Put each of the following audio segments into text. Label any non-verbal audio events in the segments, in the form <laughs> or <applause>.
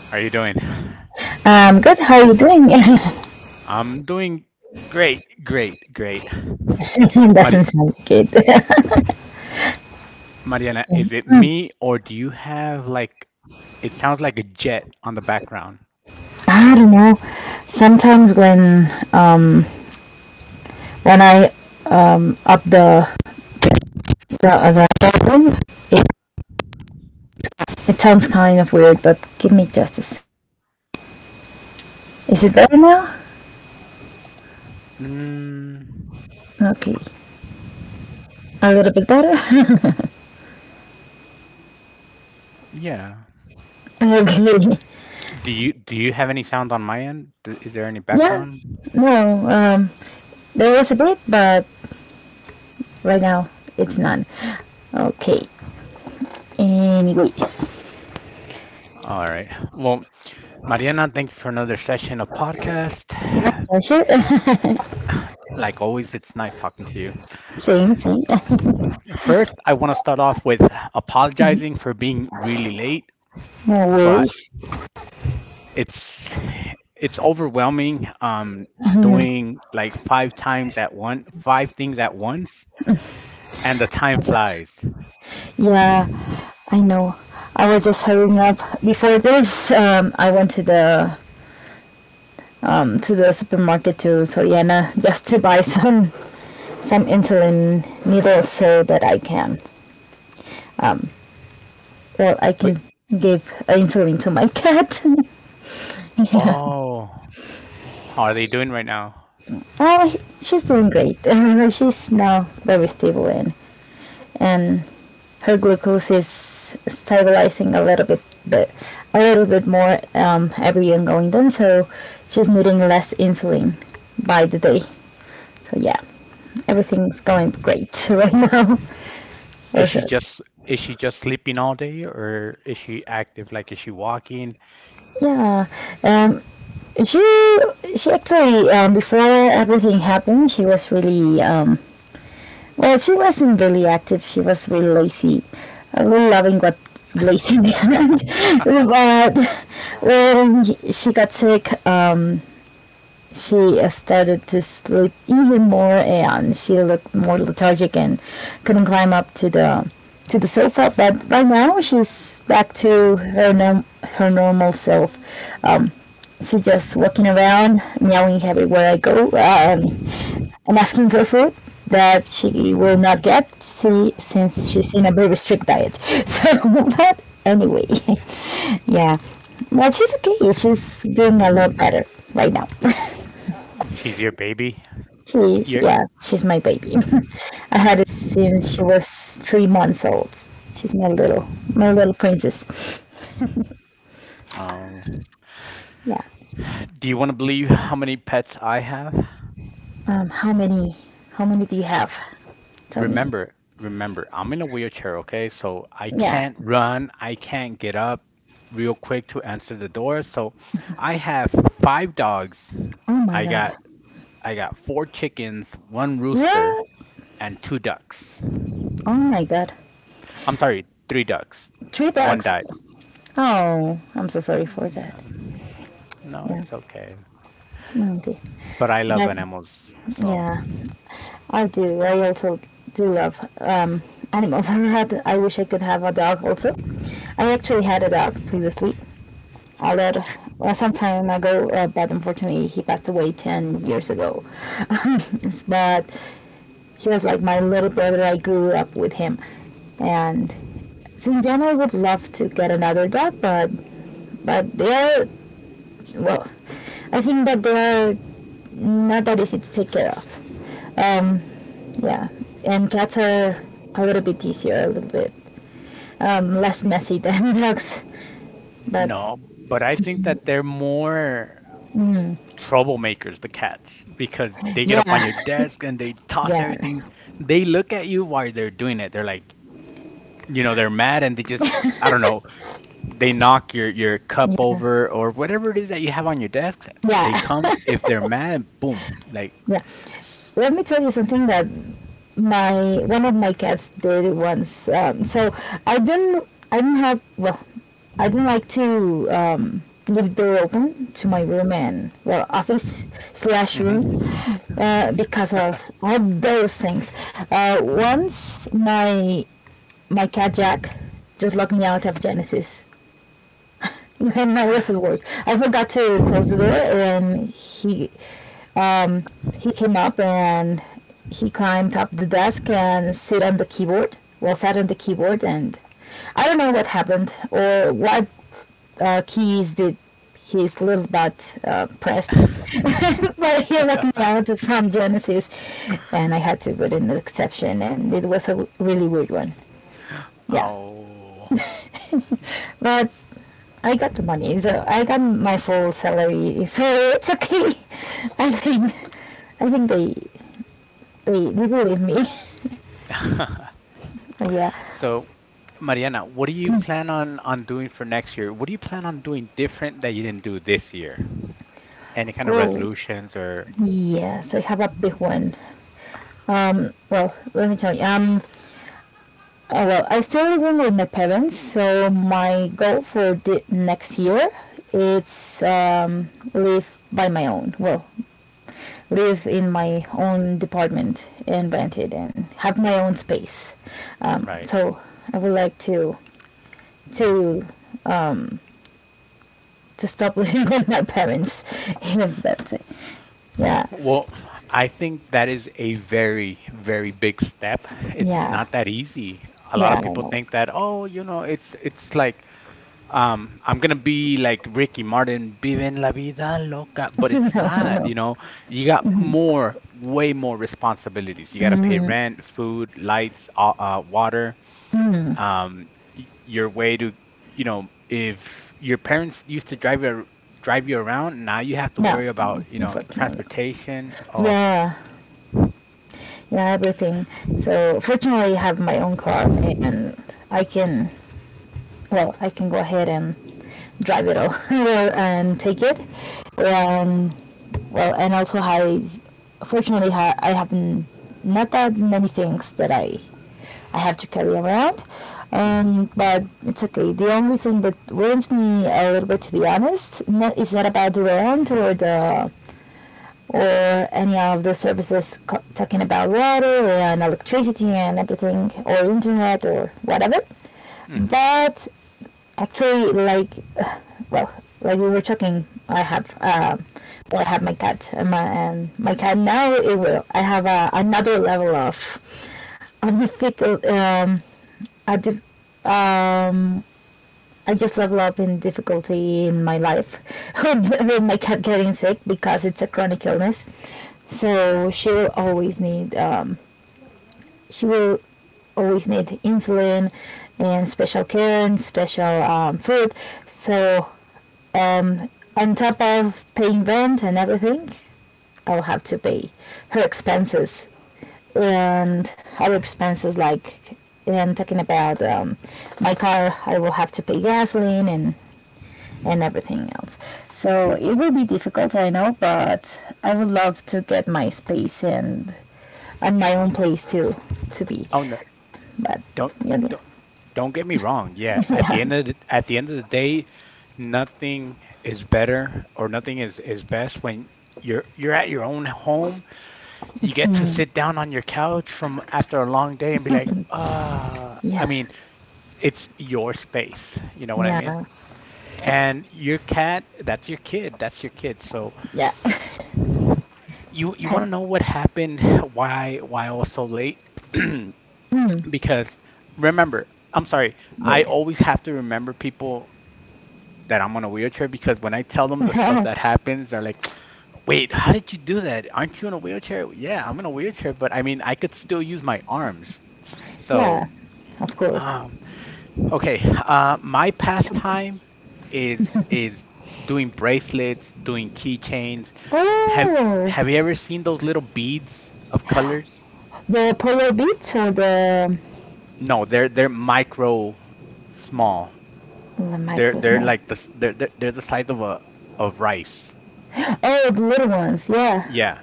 How are you doing? good, how are you doing? <laughs> I'm doing great, great, great. Mari Doesn't sound good. <laughs> Mariana, is it me or do you have like, it sounds like a jet on the background. I don't know. Sometimes when I up the volume, it, it sounds kind of weird. But give me just a sec. Is it Okay. better now? Mm, Okay, a little bit better. <laughs> yeah. Okay. Do you have any sound on my end? D Is there any Yeah. background? No. There was a bit, but right now it's none. Okay. Anyway, All right. Well, Mariana, thank you for another session of podcast. that's our shit. <laughs> Like always, it's nice talking to you. Same, same. <laughs> First, I want to start off with apologizing for being really late, No but worries. it's it's overwhelming doing like five things at once and the time Okay. flies Yeah, I know. I was just hurrying up. Before this, I went to the supermarket to Soriana <laughs> just to buy some insulin needles so that I can um, well I but can give insulin to my cat. <laughs> Yeah. oh how are they doing right now Oh, she's doing great. <laughs> She's now very stable and her glucose is stabilizing a little bit, but a little bit more every year going down. So she's needing less insulin by the day. So yeah, everything's going great right now. is she <laughs> just is she just sleeping all day or is she active like is she walking Yeah, um, she she actually before everything happened, she was really well. She wasn't really active. She was really lazy. I really loving what lazy <laughs> but when she got sick, she started to sleep even more and she looked more lethargic and couldn't climb up to the sofa, but by now she's back to her normal self. um, she's just walking around meowing everywhere I go, and asking for food that she will not get, see, since she's in a very strict diet. <laughs> So but anyway, <laughs> yeah, well, she's okay. She's doing a lot better right now. <laughs> she's your baby your Yeah, she's my baby. <laughs> I had it mm. since she was 3 months old. She's my little princess. Oh, Yeah. do you want to believe how many pets I have? Um, how many, how many do you have? Tell me. Remember, remember, I'm in a wheelchair, okay? So I Yeah. can't run, I can't get up real quick to answer the door. So I have five dogs. Oh my I god. got I got four chickens, one rooster, What? and two ducks. Oh my god. I'm sorry, three ducks. Three One dogs. died. Oh, I'm so sorry for Yeah, that. no, Yeah. it's okay. Well, okay. But I love But animals, so yeah, I do. I also do love animals. <laughs> I had. I wish I could have a dog also. I actually had a dog previously, I read some time ago, but unfortunately he passed away 10 years ago. <laughs> But he was like my little brother, I grew up with him. And since then I would love to get another dog, but, they are, well, I think that they are not that easy to take care of. Um, yeah, and cats are a little bit easier, a little bit less messy than <laughs> dogs, but no, but I think that they're more mm, troublemakers, the cats, because they get up on yeah, your desk and they <laughs> toss everything. yeah, They look at you while they're doing it. They're like, you know, they're mad and they just, I don't know, they knock your cup yeah, over or whatever it is that you have on your desk. They yeah, come if they're mad, boom, like, <laughs> yeah. Let me tell you something that my one of my cats did once. So, I didn't have, well, I didn't like to leave the door open to my room and well, office <laughs> slash room, hmm. Because of all those things. Once my cat Jack just locked me out of Genesis. And I was at work. I forgot to close the door, and um, he came up and he climbed up the desk and sit on the keyboard. Well, sat on the keyboard, and I don't know what happened or what keys did his little butt pressed, <laughs> but he let me out from Genesis, and I had to put in an exception, and it was a really weird one. Yeah, Oh. but I got the money, so I got my full salary, so it's okay. <laughs> I think I think they believe me. <laughs> <laughs> Yeah. So, Mariana, what do you plan on doing for next year? What do you plan on doing different that you didn't do this year? Any kind of Oh, resolutions or yes. I have a big one. Well, let me tell you. Oh, well, I still living with my parents, so my goal for the next year it's live by my own. Well, live in my own department and rent it and have my own space. Right? So I would like to to stop <laughs> living with my parents. <laughs> If that's it. Yeah. Well, I think that is a very, very big step. It's Yeah. not that easy. A lot Yeah. of I people know. think that, oh, you know, it's like I'm gonna be like Ricky Martin, viven la vida loca, <laughs> but No. it's No. not, No. you know. You got more, way more responsibilities. You gotta pay rent, food, lights, water, um, your way to, you know, if your parents used to drive you around, now you have to No, worry about, you know, unfortunately. transportation. Oh, Yeah, yeah, everything. So fortunately, I have my own car, and I can I can go ahead and drive it all <laughs> and take it. Um, well, and also I fortunately I have not that many things that I have to carry around. hmm. But it's okay. The only thing that worries me a little bit, to be honest, not, is not about the rent or the, or any of the services talking about water and electricity and everything or internet or whatever, Hmm. but actually, like, <sighs> well, like we were talking, I have well, I have my cat and my cat now. It will, I have another level of on the, um, a, I just level up in difficulty in my life <laughs> with my cat getting sick because it's a chronic illness. Okay. So she will always need she will always need insulin and special care and special food. So um, on top of paying rent and everything, I will have to pay her expenses and other expenses like and talking about my car, I will have to pay gasoline and everything else. So it will be difficult, I know, but I would love to get my space and my own place too to be. Oh no, But don't yeah, don't don't get me wrong. Yeah, at the yeah, end of the day, nothing is better or nothing is is best when you're at your own home. You get to sit down on your couch from after a long day and be like, ah, <laughs> I yeah, mean, it's your space. You know what I yeah, mean? yeah, And your cat, that's your kid. That's your kid. So <laughs> yeah, you want kind, to know what happened? Why I was so late? <clears throat> because remember, I'm sorry, I yeah, always have to remember people that I'm on a wheelchair because when I tell them the stuff yeah, that happens, they're like, wait, how did you do that? Aren't you in a wheelchair? Yeah, I'm in a wheelchair, but I mean, I could still use my arms. <laughs> So, yeah. Of course, um, okay, my come to me. pastime is doing bracelets, doing keychains. Have Oh, have you ever seen those little beads of colors? the polar beats or the No, they're micro small. the micro They're small. like they're the size of a of rice. Oh, the little ones. Yeah, Yeah.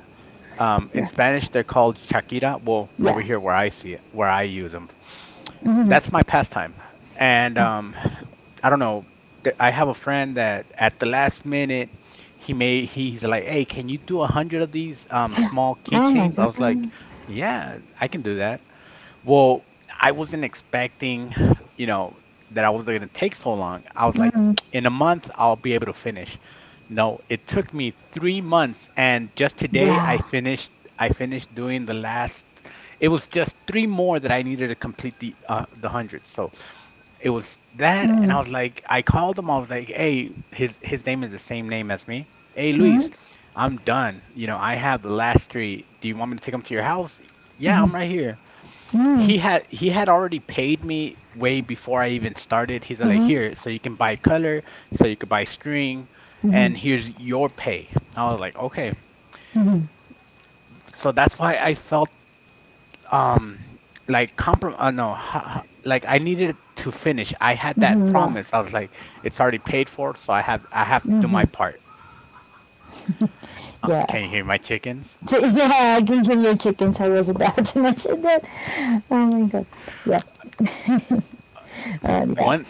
In yeah, Spanish, they're called chaquira. Well, over yeah. here where I see it, where I use them, Hmm. that's my pastime. And I don't know. I have a friend that at the last minute he's like, "Hey, can you do a hundred of these small Oh my keychains?" I was god. like, "Yeah, I can do that." Well, I wasn't expecting, you know, that I was going to take so long. I was like, Mhm. in a month, I'll be able to finish. No, it took me 3 months, and just today I Yeah. finished. I finished doing the last. It was just three more that I needed to complete the hundred. So it was that, and I was like, I called him. I was like, hey, his name is the same name as me. Hey, Luis, I'm done. You know, I have the last three. Do you want me to take them to your house? Yeah, I'm right here he had already paid me way before I even started. He's like, here, so you can buy color, so you could buy string, and here's your pay. I was like, okay. So that's why I felt um like comprom no ha, ha- like I needed to finish. I had that Hmm. Yeah. promise. I was like, it's already paid for, so I have to do my part. Yeah. Can you <laughs> hear my chickens? So, yeah, I can kill your chickens. I was about to <laughs> mention that. Oh my god. Yeah. Yeah. One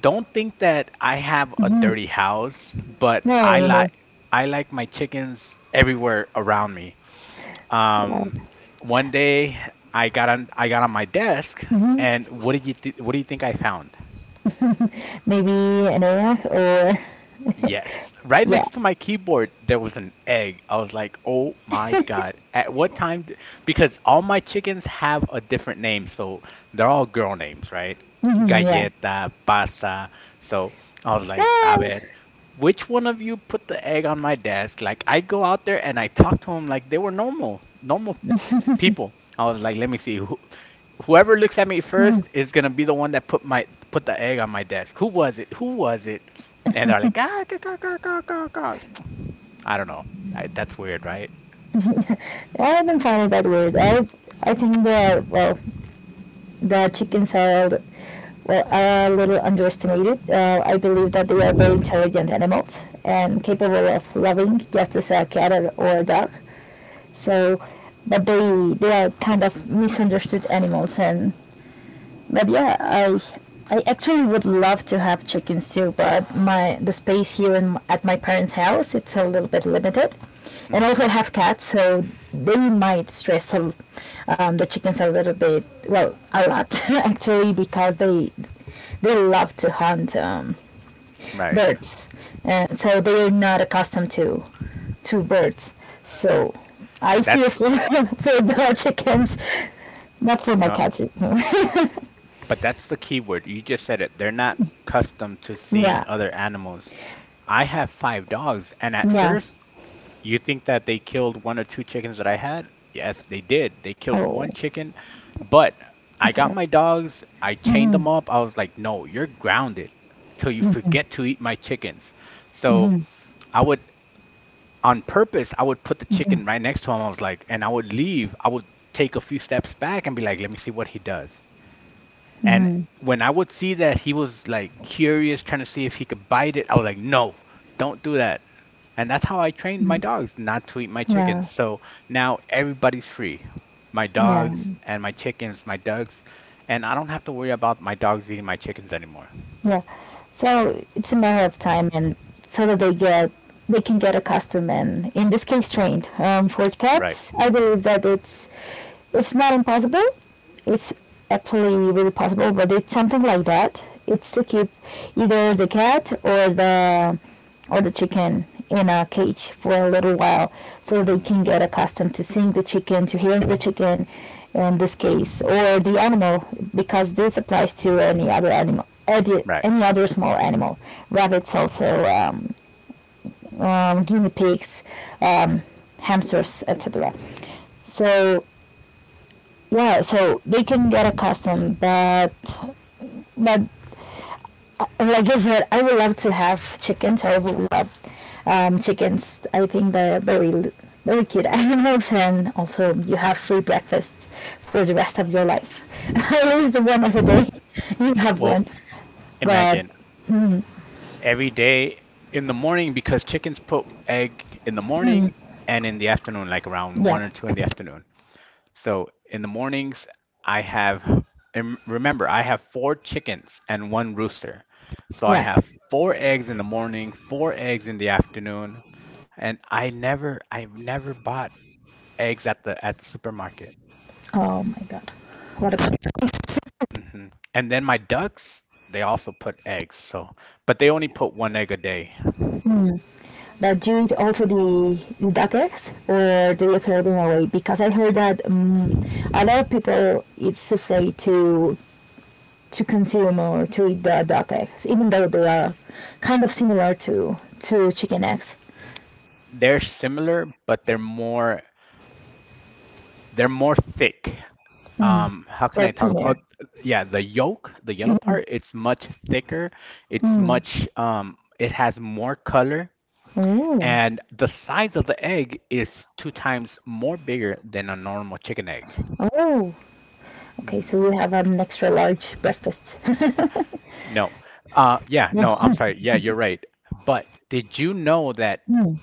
don't think that I have a dirty house, but No, no, no. I like my chickens everywhere around me. Yeah, Um, one day I got on my desk, and what did you what do you think I found? maybe an AF or Yes, right yeah, next to my keyboard there was an egg. I was like, "Oh my God. At what time d because all my chickens have a different name, so they're all girl names, right? Yeah. Galleta, Pasa. So I was like, "A Um, ver, which one of you put the egg on my desk?" Like I go out there and I talk to them like they were normal, normal people. I was like, "Let me see whoever looks at me first is gonna be the one that put the egg on my desk. Who was it? Who was it? And they're like, ah, gah, gah, gah, gah, gah, gah." I don't know. That's weird, right? I haven't found it that weird. I think that, well, the chickens are, well, are a little underestimated. I believe that they are very intelligent animals and capable of loving just as a cat, or a dog. So, but they are kind of misunderstood animals, and but yeah, I actually would love to have chickens too, but my the space here in, at my parents' house it's a little bit limited, and also Hmm. I have cats, so they might stress the chickens a little bit, well, a lot, <laughs> actually, because they love to hunt Right. birds, and so they are not accustomed to birds. So I That's seriously, <laughs> for the chickens, not for my not, cats. but that's the key word. You just said it. They're not accustomed to seeing <laughs> Yeah, other animals. I have five dogs, and at yeah. first you think that they killed one or two chickens that I had? Yes, they did. They killed Oh, one chicken, but I'm I got sorry. my dogs, I chained them up. I was like, no, you're grounded till you forget to eat my chickens. So I would, on purpose, I would put the chicken right next to him. I was like, and I would leave. I would take a few steps back and be like, let me see what he does. And when I would see that he was like curious, trying to see if he could bite it, I was like, no, don't do that. And that's how I trained my dogs not to eat my Yeah, chickens. So now everybody's free. My yeah, dogs and my chickens, my ducks, and I don't have to worry about my dogs eating my chickens anymore. yeah. So it's a matter of time, and so that they can get accustomed and in this case trained. For Right. cats, I believe that it's not impossible. It's actually really possible, but it's something like that. It's to keep either the cat or the chicken in a cage for a little while so they can Hmm. get accustomed to seeing the chicken, to hearing the chicken in this case, or the animal, because this applies to any other animal, any Right. any other small animal. Rabbits also, guinea pigs, um, hamsters, etc. So yeah, so they can get accustomed, but but like I said, I would love to have chickens. I would love chickens. I think they're very, very cute <laughs> animals, and also you have free breakfasts for the rest of your life. <laughs> At least one of a day, <laughs> you have Well, one. But imagine every day in the morning because chickens put egg in the morning and in the afternoon, like around one yeah, or two in the afternoon. So in the mornings, I have, and remember, I have four chickens and one rooster. So I yeah. have four eggs in the morning, four eggs in the afternoon, and I've never bought eggs at the supermarket. Oh my god, what about that? Hmm. And then my ducks, they also put eggs. So, but they only put one egg a day. Do you eat also the duck eggs, or do you throw them away? Because I heard that a lot of people it's afraid to consume or to eat the duck eggs, even though they are kind of similar to chicken eggs. They're similar, but they're more thick. Mm. Um, how can They're I talk about thinner. oh, yeah the yolk the yellow part it's much thicker it's Mm. much it has more color Oh, and the size of the egg is two times more bigger than a normal chicken egg. oh. Okay, Hmm. so we have an extra large breakfast. No, uh, yeah, no, <laughs> I'm sorry, yeah, you're right, but did you know that Mm.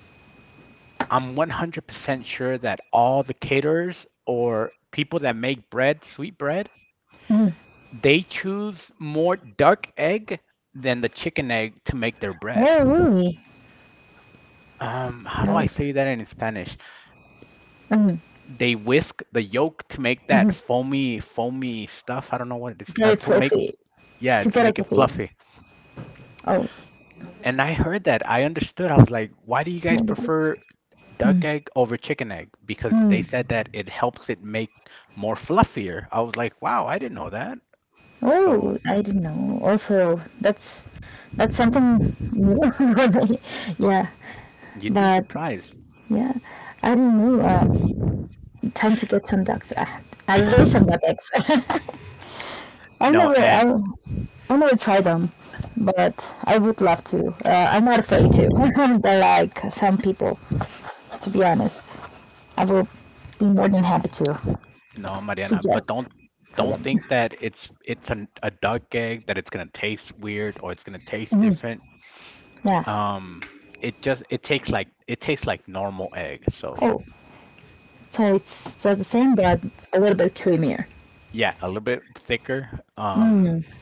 I'm 100% sure that all the caterers or people that make bread sweet bread. Mm. They choose more duck egg than the chicken egg to make their bread. Oh, really? How do No. I say that in Spanish? Mm. They whisk the yolk to make Mm. that foamy, foamy stuff. I don't know what it is. It's very To make, fluffy. yeah, To to get a make it coffee. fluffy. Oh, And I heard that. I understood. I was like, why do you guys no. prefer duck egg over chicken egg? Because they Mm. said that it helps it make more fluffier. I was like, wow, I didn't know that. So Oh, I didn't know. Also, that's that's something <laughs> new. Yeah, you'd be but surprised. yeah, I didn't know. Time to get some ducks. Ah, I love some duck eggs. <laughs> I never, No, and I, I never try them, but I would love to. I'm not afraid to. <laughs> They like some people, to be honest. I will be more than happy to no, Mariana, but suggest for don't them. think that a duck egg that it's gonna taste weird or it's gonna taste Mm, different. yeah. Um, it just it tastes like normal egg. So Oh, so it's just the same, but a little bit creamier. yeah, a little bit thicker. Um, Mm,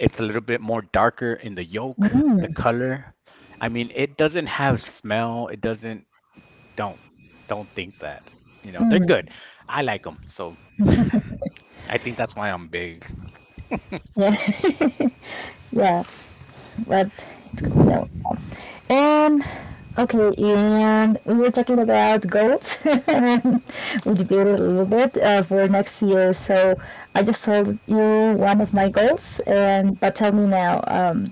it's a little bit more darker in the yolk, the mm, color. I mean, it doesn't have smell. It doesn't. Don't don't think that. You know, they're good. I like them. So <laughs> I think that's why I'm big. yeah, <laughs> yeah. But it's good to know. And okay, and we were talking about goals, <laughs> and we debated a little bit for next year. So I just told you one of my goals, and but tell me now,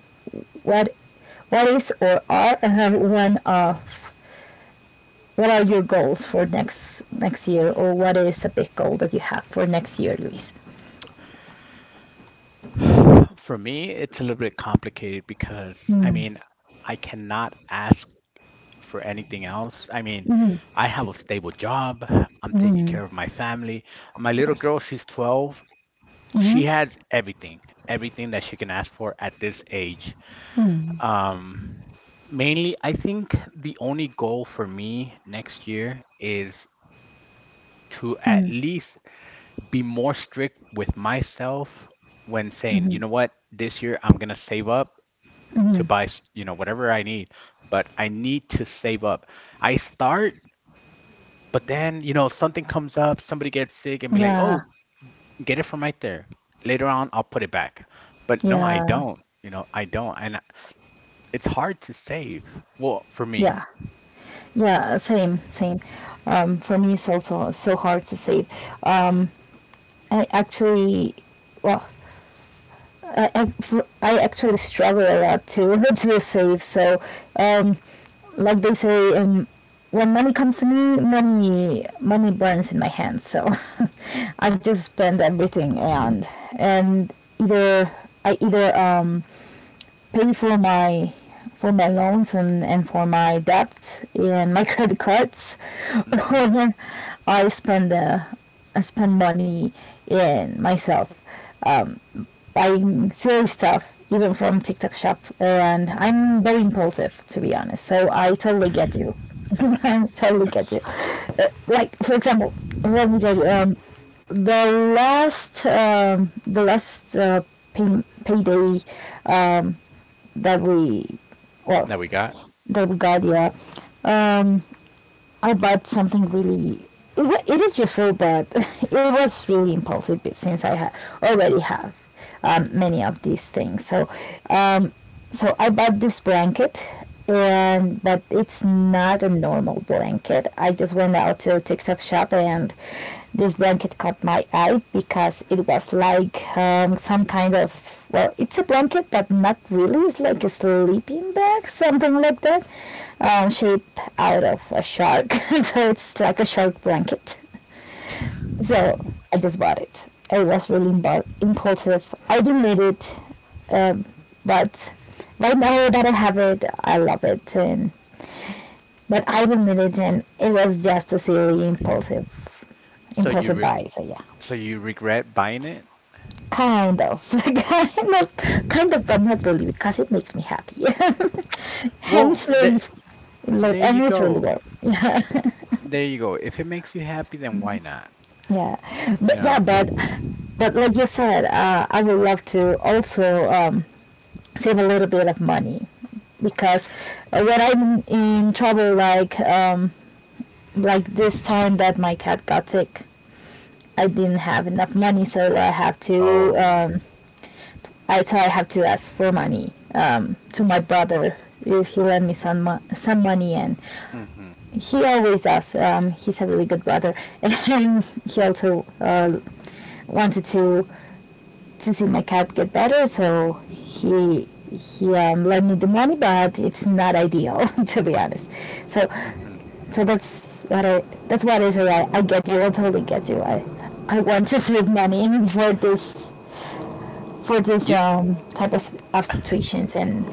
what what is or are, one of what are your goals for next year, or what is a big goal that you have for next year, Luis? For me, it's a little bit complicated because I mean, I cannot ask for anything else. I mean, I have a stable job. I'm taking care of my family. My little girl, she's 12. She has everything, everything that she can ask for at this age. Um, Mainly, I think the only goal for me next year is to at least be more strict with myself when saying, Mm-hmm. you know what, this year I'm gonna save up to you know, whatever I need, but I need to save up. I start, but then, you know, something comes up, somebody gets sick and be like, Yeah, "Oh, get it from right there." Later on, I'll put it back. But no, I yeah, don't. You know, I don't. It's hard to save. Well, for me. yeah. Yeah, same, same. For me, it's also so hard to save. Um, I actually, well, I, fr- I actually struggle a lot to <laughs> to save. Um, like they say, when money comes to me, money burns in my hands. So, <laughs> I just spend everything, and and either I either pay for my loans and, for my debt and my <laughs> credit cards or Hmm. <laughs> I spend uh, I spend money in myself buying silly stuff even from TikTok shop, and I'm very impulsive to be honest, so I totally get you. <laughs> I totally get you. Like for example, let me tell you, the last um, the last pay, payday um, that we well That we got. that we got, yeah. um I bought something really. It is just so bad. <laughs> It was really impulsive, but since I already have, many of these things. So, um, I bought this blanket, and but it's not a normal blanket. I just went out to a TikTok shop, and this blanket caught my eye because it was like, some kind of, well, it's a blanket, but not really. It's like a sleeping bag, something like that, shape out of a shark. <laughs> So it's like a shark blanket. So I just bought it. I was really impulsive. I didn't need it, um, but right now that I have it, I love it. And but I didn't need it, and it was just a silly So you impulsive reg- buy. So yeah, so you regret buying it? kind of, <laughs> kind of, but not really because it makes me happy, <laughs> and it's Well, really, like, there and you it's really go. well. Yeah. There you go. If it makes you happy, then why not? You Yeah, know. but like you said, I would love to also, save a little bit of money, because, when I'm in trouble, like, like this time that my cat got sick, I didn't have enough money, so I have to. Oh. I So I have to ask for money, to my brother, if he lend me some some money, and Mhm. he always does. He's a really good brother, <laughs> and he also, wanted to, since my cat get better, so he lent me the money, but it's not ideal, <laughs> to be honest. So Mhm. so that's what I that's what I say. I get you. I totally get you. I want to <laughs> save money for this, You um, type of situations and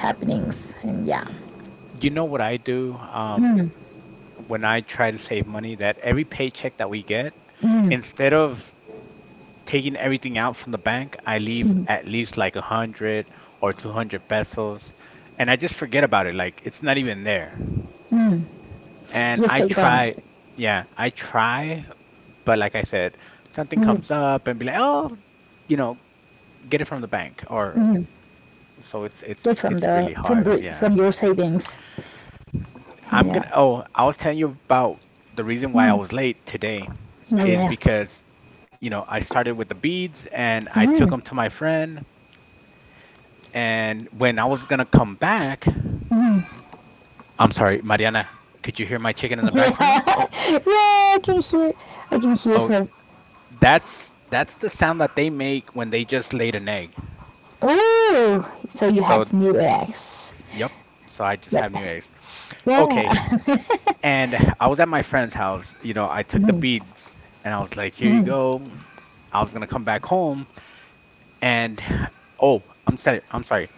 happenings. And yeah, You know what I do, when I try to save money, that every paycheck that we get, instead of taking everything out from the bank, I leave at least like 100 or 200 pesos, and I just forget about it. Like it's not even there. And just I take down try, yeah, I try, but like I said, something comes up and be like, oh, you know, get it from the bank, or so it's get it's from it's the really from hard. the Yeah. from your savings. I'm gonna. Yeah. Oh, I was telling you about the reason why I Mm. was late today Yeah, yeah, is yeah. because, you know, I started with the beads and I Mm. took them <laughs> to my friend. And when I was gonna come back, I'm sorry, Mariana, could you hear my chicken in the Yeah, background? <laughs> yeah, I can hear Oh, her. That's the sound that they make when they just laid an egg. Oh, so you have So, new eggs. yep. So I just Yep. have new eggs. Yeah. Okay. <laughs> And I was at my friend's house. You know, I took the beads and I was like, here you go. I was gonna come back home, and oh, I'm sorry. I'm sorry.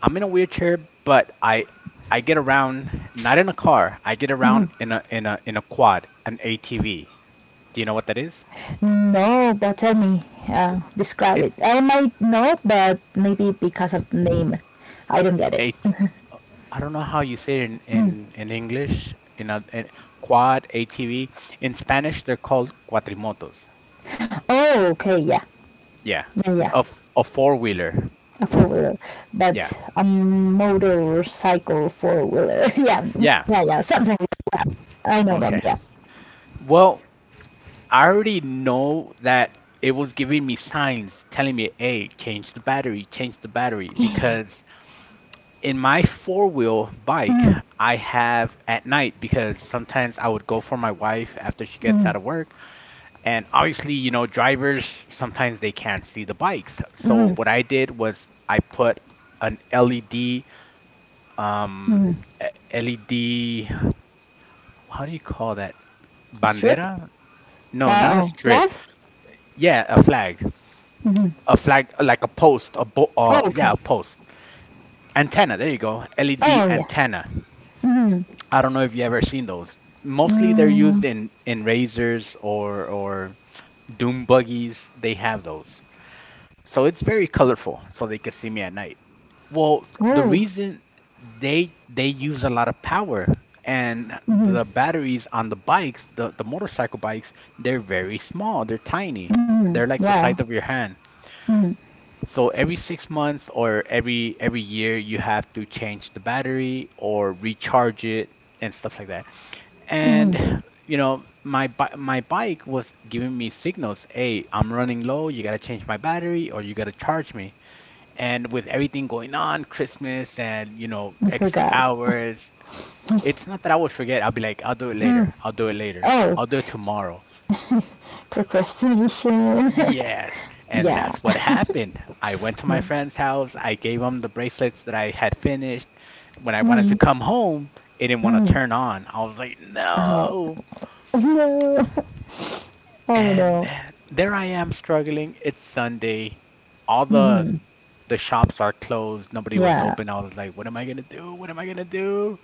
I'm in a wheelchair, but I get around not in a car. I get around in a quad, an ATV. Do you know what that is? No, but tell me, describe it. I It's might know, but maybe because of name, I don't get it. it's I don't know how you say it in in English. In a in Quad ATV. In Spanish, they're called cuatrimotos. Oh, okay, yeah, Yeah, yeah, yeah. a a four wheeler. A four wheeler, but Yeah, a motorcycle four wheeler. <laughs> Yeah, yeah. yeah, yeah. Something I know them. Okay. Yeah. Well, I already know that it was giving me signs telling me, hey, change the battery, change the battery. Because in my four-wheel bike, I have at night, because sometimes I would go for my wife after she gets Mm, out of work. And obviously, you know, drivers sometimes they can't see the bikes. So what I did was I put an LED, mm. um, e- LED, how do you call that? Strip. Bandera? No, Uh not a oh. strip. Flag. Yeah, a flag. Mm-hmm. A flag like a post a bo- Oh, yeah a okay. post antenna, there you go, LED Oh yeah. antenna. Mm-hmm. I don't know if you ever seen those. Mostly they're used Mm, in razors or doom buggies. They have those, so it's very colorful so they can see me at night. Well, the oh. reason, they use a lot of power, and the Mm-hmm. batteries on the bikes, the motorcycle bikes, they're very small, they're tiny, they're like the size Wow. of your hand. Mm. So every 6 months or every year you have to change the battery or recharge it and stuff like that. And you know, my bike was giving me signals, "Hey, I'm running low. You gotta change my battery or you gotta charge me." And with everything going on, Christmas and you know, You extra forgot. hours, it's not that I would forget. I'll be like, "I'll do it later. Mm. I'll do it later. Oh, I'll do it tomorrow." procrastination. Yes, <laughs> and Yeah, that's what happened. I went to my yeah. friend's house. I gave him the bracelets that I had finished. When I wanted to Mm. come home, it didn't want to Mm. turn on. I was like, Oh, no. no. Oh And no. eh, there I am struggling. It's Sunday. All The shops are closed. Nobody was Yeah. open. I was like, what am I gonna do? What am I gonna do?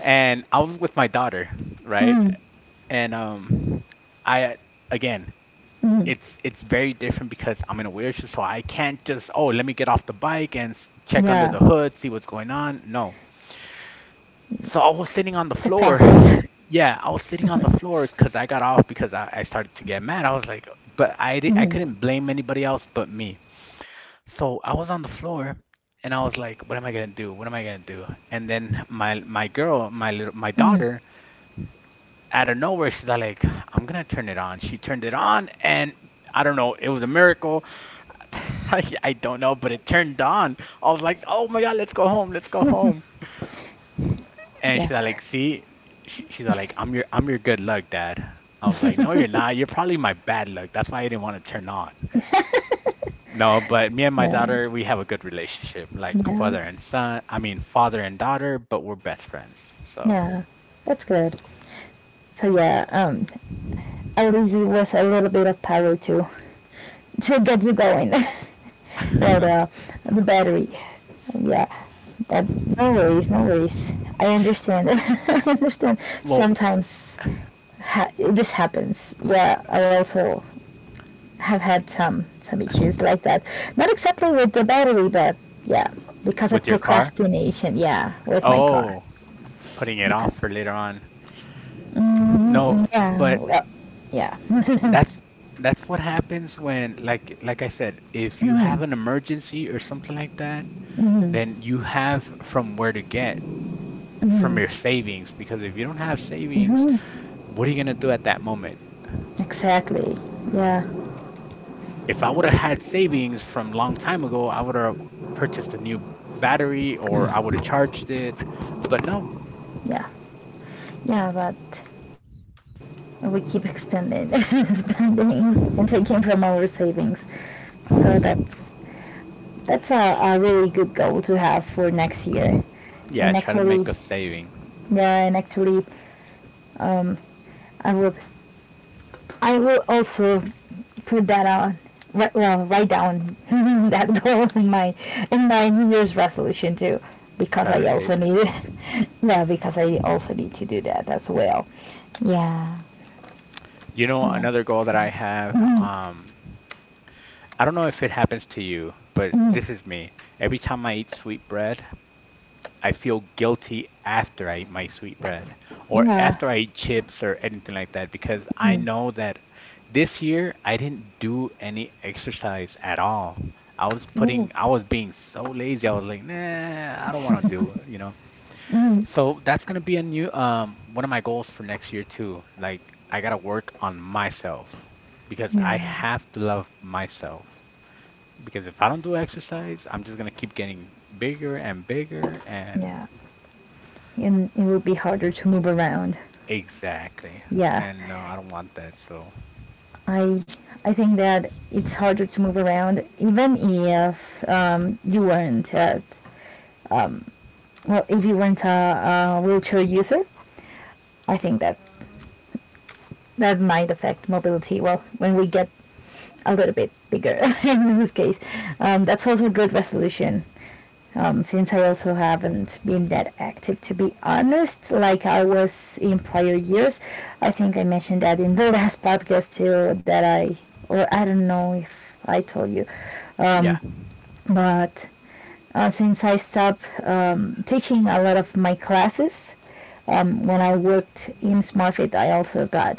And I was with my daughter, right? Mm. And I again, Mm. It's very different because I'm in a wheelchair, so I can't just oh let me get off the bike and check under Yeah. the hood, see what's going on. No, so I was sitting on the It's a floor. <laughs> process. <laughs> <sighs> Yeah, I was sitting on the floor because I got off because I started to get mad. I was like, but I Mm. couldn't blame anybody else but me. So I was on the floor and I was like, what am I gonna do? What am I gonna do? And then my girl, my little my Mm. daughter, out of nowhere, she's all like, I'm gonna turn it on. She turned it on and I don't know, it was a miracle. <laughs> I don't know, but it turned on. I was like, "Oh my God, let's go home, let's go home." And Yeah. she's like, "See," she's like, "I'm your good luck, Dad." I was like, "No, you're not. You're probably my bad luck. That's why I didn't want to turn on." No, but me and my No. daughter, we have a good relationship, like Yeah. father and son. I mean, father and daughter, but we're best friends. So, Yeah. That's good. So yeah, at least it was a little bit of power to <laughs> to get you going. <laughs> Well, <laughs> the battery. Yeah. That, no worries. No worries. I understand. <laughs> I understand. well, Sometimes this happens. Yeah, I also have had some issues like that. Not exactly with the battery, but yeah, because of with your car? procrastination. Yeah, with my car. Oh, putting it Because off for later on. No, mm, yeah, but well, yeah, <laughs> that's that's what happens when like I said, if you mm, have an emergency or something like that, mm, then you have from where to get from your savings, because if you don't have savings, what are you gonna do at that moment? exactly. Uh, Yeah, if I would have had savings from long time ago, I would have purchased a new battery or I would have charged it. But no. yeah, yeah. But we keep expanding, <laughs> spending, and taking from our savings. So <laughs> that's a really good goal to have for next year. Yeah, And try to make actually, a saving. yeah, and actually, Um, I will. I will also put that on. Well, write down <laughs> that goal in my, New Year's resolution too, because Try I to, ca- also need. It. <laughs> Yeah, because I also need to do that as well. Yeah. you know, another goal that I have, Mm, I don't know if it happens to you, but mm, this is me. Every time I eat sweet bread, I feel guilty after I eat my sweet bread or yeah. after I eat chips or anything like that, because I Mm, know that this year I didn't do any exercise at all. Mm, I was being so lazy. I was like, nah, I don't want to do it, you know. mm, So that's gonna be a new, one of my goals for next year too. Like I gotta work on myself because I yeah. have to love myself. Because if I don't do exercise, I'm just gonna keep getting bigger and bigger and Yeah. And it will be harder to move around. exactly. Yeah. And no, I don't want that. So I I think that it's harder to move around, even if, you weren't at, um, well, if you weren't a wheelchair user, I think that that might affect mobility. Well, when we get a little bit bigger <laughs> in this case, that's also a good resolution. Since I also haven't been that active, to be honest, like I was in prior years. I think I mentioned that in the <laughs> last podcast too. Or I don't know if I told you, yeah, um, but since I stopped, teaching a lot of my classes. When I worked in SmartFit, I also got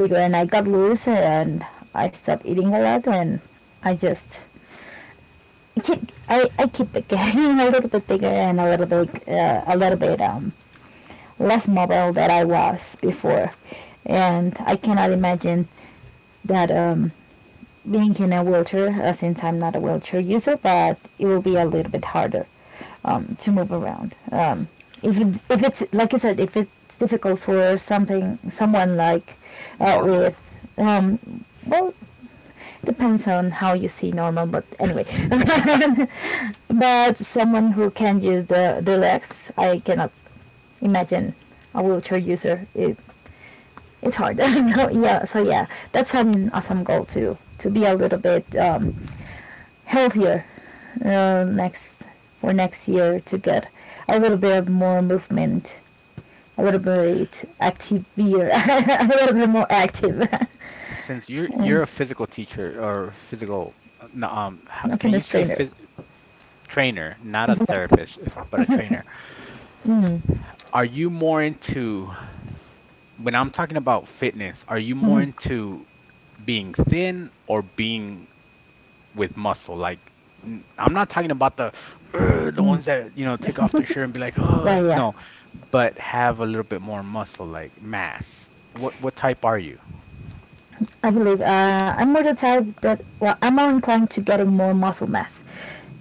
bigger, and I got loose, and I stopped eating a lot, and I just I keep, I keep <laughs> getting a little bit bigger, and a little bit, less mobile than I was before, and I cannot imagine that, being in a wheelchair, since I'm not a wheelchair user, but it will be a little bit harder, to move around. If it's like I said, if it's difficult for something someone like, normal. with, um, well, depends on how you see normal, but anyway, <laughs> but someone who can use the legs, I cannot imagine a wheelchair user. It's hard. <laughs> I yeah. So yeah, that's an awesome goal to be a little bit. Healthier, next for next year, to get a little bit more movement, a little bit active, <laughs> a little bit more active. Since <laughs> you're And a physical teacher or physical, no, h- not in can the you say trainer. phys trainer, not a therapist, but a trainer? Are you more into, when I'm talking about fitness, are you more into being thin or being with muscle. Like I'm not talking about the "Ugh," the ones that you know take off their shirt and be like, oh Well, yeah, no, but have a little bit more muscle, like mass. What type are you? I can leave. I'm more the type that well, I'm more inclined to getting more muscle mass,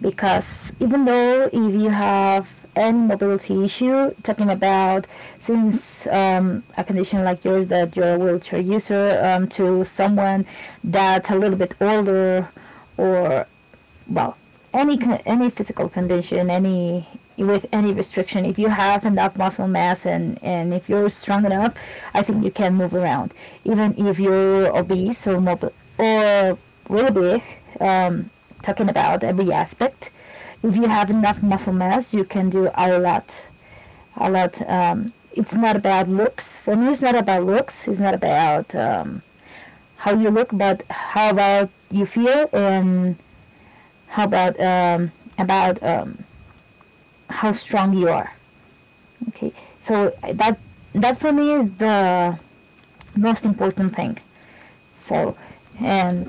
because even though if you have any mobility issue, talking about, since, a condition like yours that you're a wheelchair user, to someone that's a little bit older, or well, any any physical condition, any with any restriction, if you have enough muscle mass, and if you're strong enough, I think you can move around. Even if you're obese or mobile or really big, um, talking about every aspect, if you have enough muscle mass, you can do a lot, a lot. It's not about looks. For me, it's not about looks. It's not about, how you look, but how about you feel, and how about, about um, how strong you are. Okay, so that for me is the most important thing. So and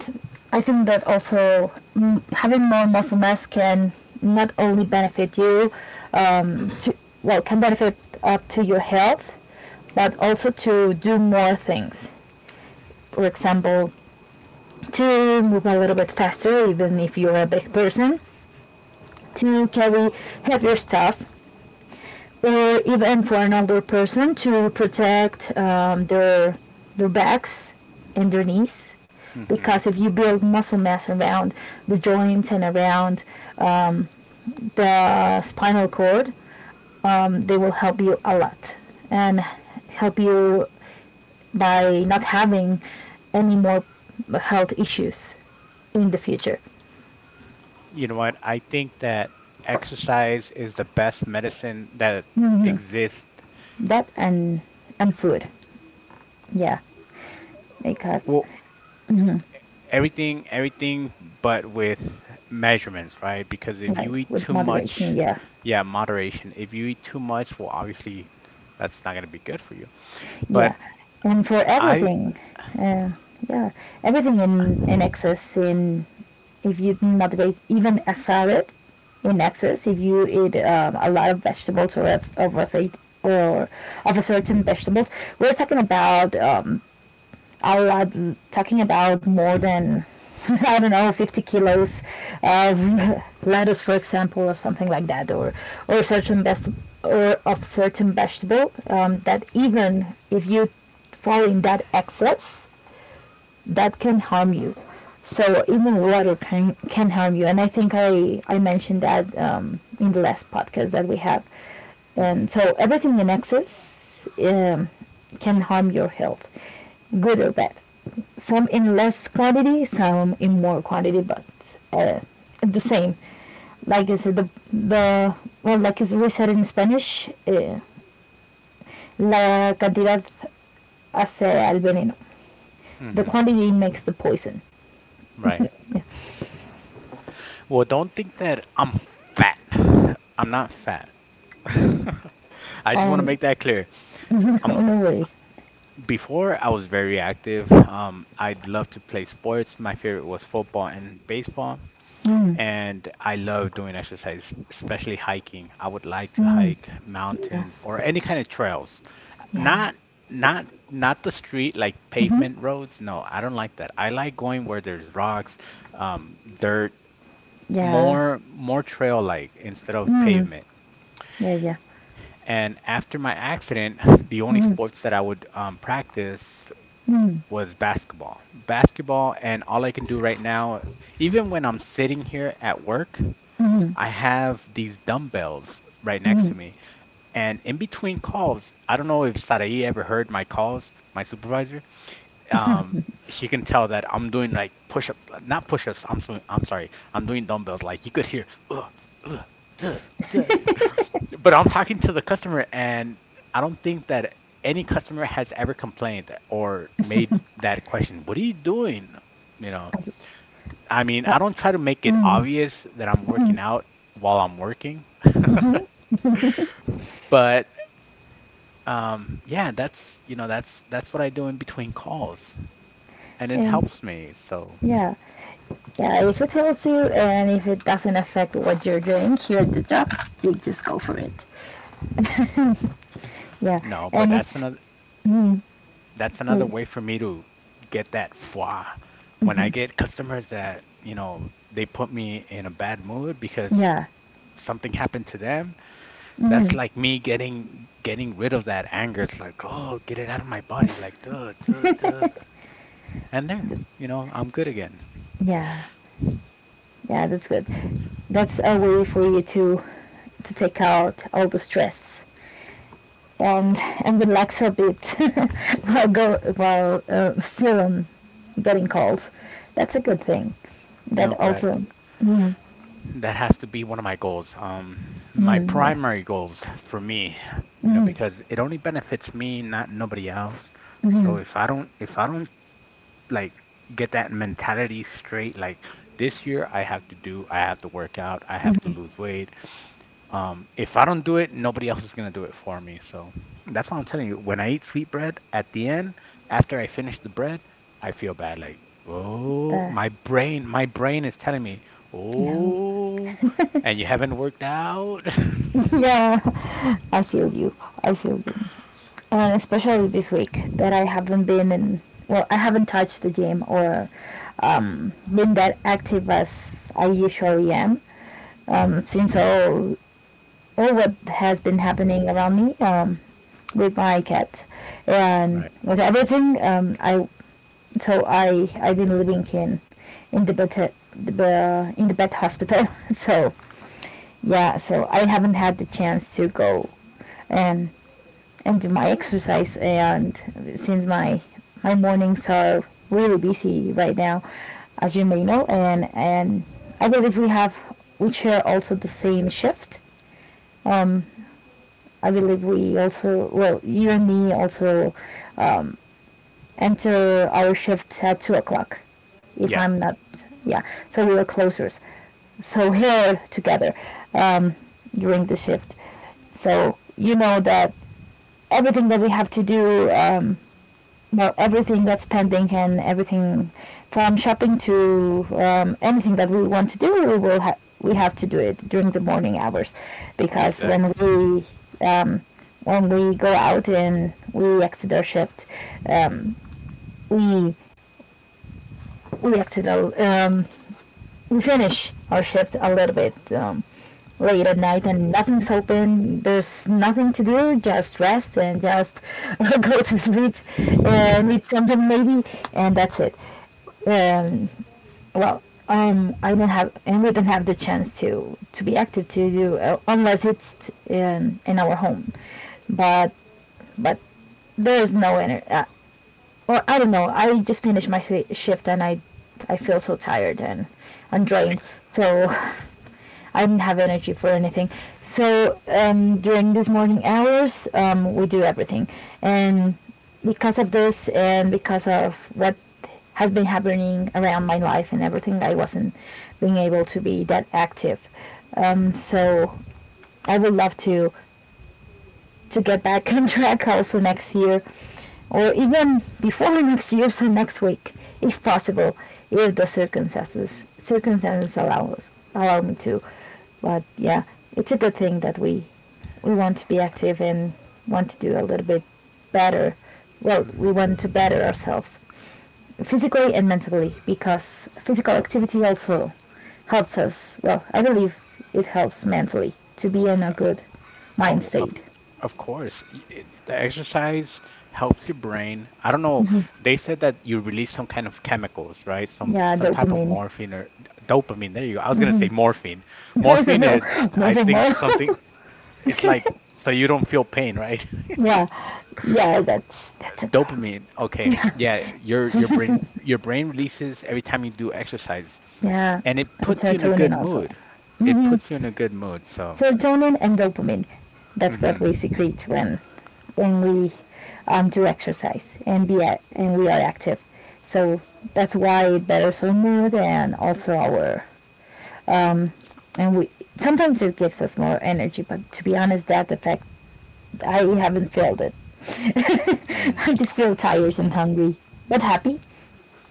I think that also, mm, having more muscle mass can not only benefit you, um, to, well, can benefit up to your health, but also to do more things. For example, to move a little bit faster, even if you're a big person, to carry heavier stuff, or even for an older person to protect, their backs and their knees, because Hmm. if you build muscle mass around the joints and around the spinal cord, they will help you a lot, and help you by not having any more health issues in the future. You know what? I think that exercise is the best medicine that exists. That and food. Yeah, because Well, everything, everything, but with measurements, right? Because if right, you eat with too much, moderation, yeah. yeah, moderation. If you eat too much, well, obviously, that's not gonna be good for you. Yeah, But and for I. everything, uh, yeah, everything in excess in if you motivate even a salad in excess, if you eat, a lot of vegetables, of a cer- or of a certain vegetables, we're talking about, a lot, talking about more than, <laughs> I don't know, 50 kilos of lettuce, for example, or something like that, or certain best, or of certain vegetable. That even if you fall in that excess, that can harm you. So even water can harm you, and I think I mentioned that, in the last podcast that we have. Hmm. So everything in excess, can harm your health, good or bad. Some in less quantity, some in more quantity, but, uh, the same. Like I said, the like as we said in Spanish, eh, la cantidad hace al veneno. The Hmm. quantity makes the poison. Right. Well, don't think that I'm fat. <laughs> I'm not fat. <laughs> I just want to And make that clear. <laughs> no, Um, no worries. before I was very active. I loved to play sports. My favorite was football and baseball, and I love doing exercise, especially hiking. I would like to hike Yeah, mountains or any kind of trails. yeah, Not, not, not the street like pavement mm-hmm. roads. No, I don't like that. I like going where there's rocks, dirt, Yeah, more trail like instead of mm, pavement. yeah, yeah, And after my accident, <laughs> the only mm, sports that I would practice mm. was basketball. Basketball, and all I can do right now, even when I'm sitting here at work, I have these dumbbells right next to me. And in between calls, I don't know if Sarai ever heard my calls, my supervisor, um, she can tell that I'm doing like push up not push ups. I'm sorry, I'm doing dumbbells, like you could hear "Ugh, ugh, duh, duh." But I'm talking to the customer and I don't think that any customer has ever complained or made that question, what are you doing, you know. I mean, Uh, I don't try to make it obvious that I'm working out while I'm working. <laughs> But um, yeah, that's, you know, that's what I do in between calls, and it and helps me so. yeah, yeah, if it helps you and if it doesn't affect what you're doing here at the job, you just go for it. Yeah, No, but and that's it's another, mm, that's another way for me to get that foie. When I get customers that, you know, they put me in a bad mood yeah, because yeah, something happened to them, that's mm, like me getting rid of that anger. It's like, oh, get it out of my body, like duh, duh, duh. And there, I'm good again. yeah, yeah. That's good. That's a way for you to take out all the stress, and <laughs> and relax a bit, <laughs> while go while, still, getting calls. That's a good thing. That No, but also, mm, that has to be one of my goals. My yeah, primary goals for me, because it only benefits me, not nobody else. So mm, if I don't like get that mentality straight. Like this year, I have to work out, I have to lose weight. If I don't do it, nobody else is gonna do it for me. So that's what I'm telling you. When I eat sweet bread, at the end, after I finish the bread, I feel bad. Like, oh, uh, my brain is telling me, no, oh, and you haven't worked out. <laughs> <laughs> yeah. I feel you. I feel you. And especially this week that I haven't been in. Well, I haven't touched the gym or been that active as I usually am Mhm. since all what has been happening around me, with my cat and Right. with everything. I so I I've been living in the bed the, in the bed hospital. <laughs> So yeah, so I haven't had the chance to go and and do my exercise. And since my mornings are really busy right now, as you may know, and I believe we have we share also the same shift. Um, I believe we also, well, you and me also um, enter our shift at 2 o'clock, if Yeah, I'm not, yeah. So we were closer. So here together, um, during the shift. So you know that everything that we have to do, um, well, everything that's pending and everything from shopping to, anything that we want to do. We will we have to do it during the morning hours because when exactly. we, um, when we go out and we exit our shift, um, we we exit our we finish our shift a little bit late at night and nothing's open. There's nothing to do. Just rest and just <laughs> go to sleep <laughs> and eat something maybe, and that's it. um, well, I don't have, and we don't have the chance to be active to do, unless it's in our home. But but there's no energy, or I don't know. I just finished my shift and I feel so tired and drained. Ex- So <laughs> I didn't have energy for anything. So, during these morning hours, we do everything. And because of this, and because of what has been happening around my life and everything, I wasn't being able to be that active. Um, mhm. so I would love to get back <laughs> on track also next year or even before next year, so next week, if possible, if the circumstances allow me to. But yeah, it's a good thing that we want to be active and want to do a little bit better. Well, we want to better ourselves physically and mentally because physical activity also helps us. Well, I believe it helps mentally to be in a good mind Oh, of state. of course. The exercise helps your brain. I don't know. They said that you release some kind of chemicals, right? Some Yeah, some type of dopamine. morphine or dopamine. There you go. I was gonna say morphine. <laughs> I don't Morphine know. is, I Moving think, on. something. It's like so you don't feel pain, right? <laughs> Yeah, yeah, that's a drug. Dopamine. Okay. Yeah, your brain releases every time you do exercise, Yeah, and it and puts you in a serotonin good also. mood. It Hmm. puts you in a good mood. So. Serotonin and dopamine. That's what we Mm-hmm. secrete when we, do exercise and be a and we are active. So that's why it betters our mood and also our and we sometimes it gives us more energy. But to be honest, that effect I haven't felt it. <laughs> Mm. I just feel tired and hungry, but happy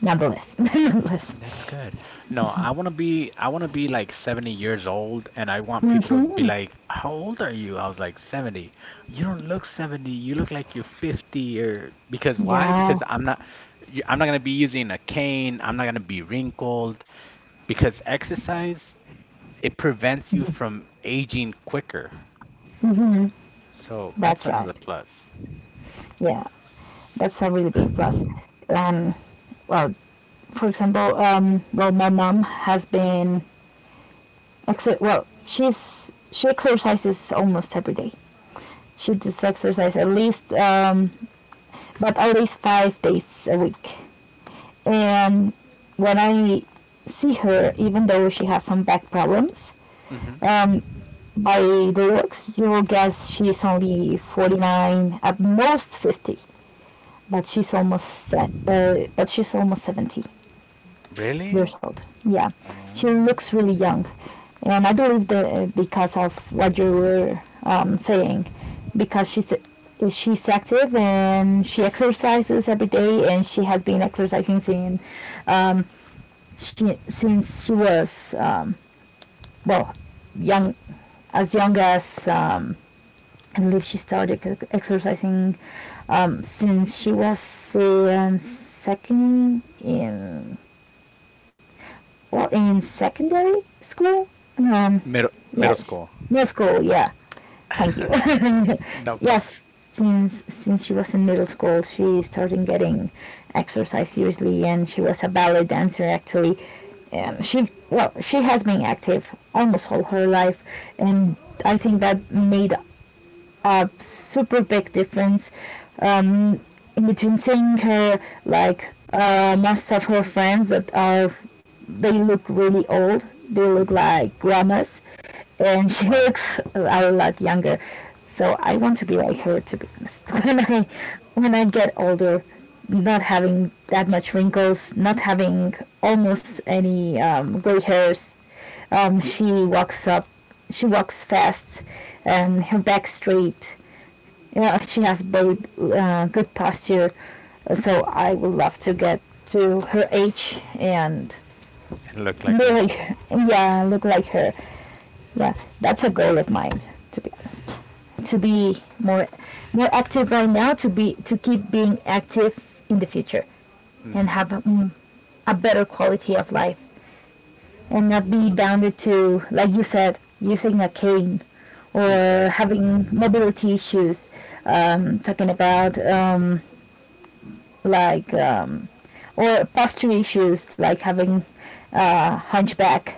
nonetheless. <laughs> Nonetheless. That's good. No, I want to be like 70 years old, and I want people to be like, "How old are you?" I was like, "70." You don't look 70. You look like you're 50, or because why? Yeah, Because I'm not going to be using a cane. I'm not going to be wrinkled because exercise, it prevents you from aging quicker. So, that's that's right. another plus. Yeah, that's a really big plus. Um, well, for example, my mom has been well, she's she exercises almost every day. She does exercise at least, but at least 5 days a week. And when I see her, even though she has some back problems, Mhm. um, by the looks, you will guess she's only 49, at most 50. But she's almost, but she's almost 70 Really? years old, yeah. She Um, looks really young, and I believe that, because of what you were, saying, because she's, she's active and she exercises every day and she has been exercising since, um, she since she was, well young as young as, I believe she started exercising since she was in second in or in secondary school? No. Middle Yes, school. middle school. Yeah, thank you. <laughs> <laughs> No problem. Yes, since she was in middle school, she started getting exercise seriously, and she was a ballet dancer actually. And she, well, she has been active almost all her life, and I think that made a super big difference, um, in between seeing her like, most of her friends that are they look really old, they look Mhm. like grandmas, and <laughs> she Wow. looks a lot younger. So I want to be like her, to be honest, <laughs> when I when I get older, not having that much wrinkles, not having almost any, gray hairs. She walks up, she walks fast, and her back straight. Yeah, she has very, good posture, so I would love to get to her age and And look like be her. like, yeah, look like her. Yeah, that's a goal of mine, to be honest. To be more more active right now, to be to keep being active in the future and have, Hmm. mm, a better quality of life and not be bounded to, like you said, using a cane or Exactly. having mobility issues. Talking about, like um, or posture issues, like having, hunchback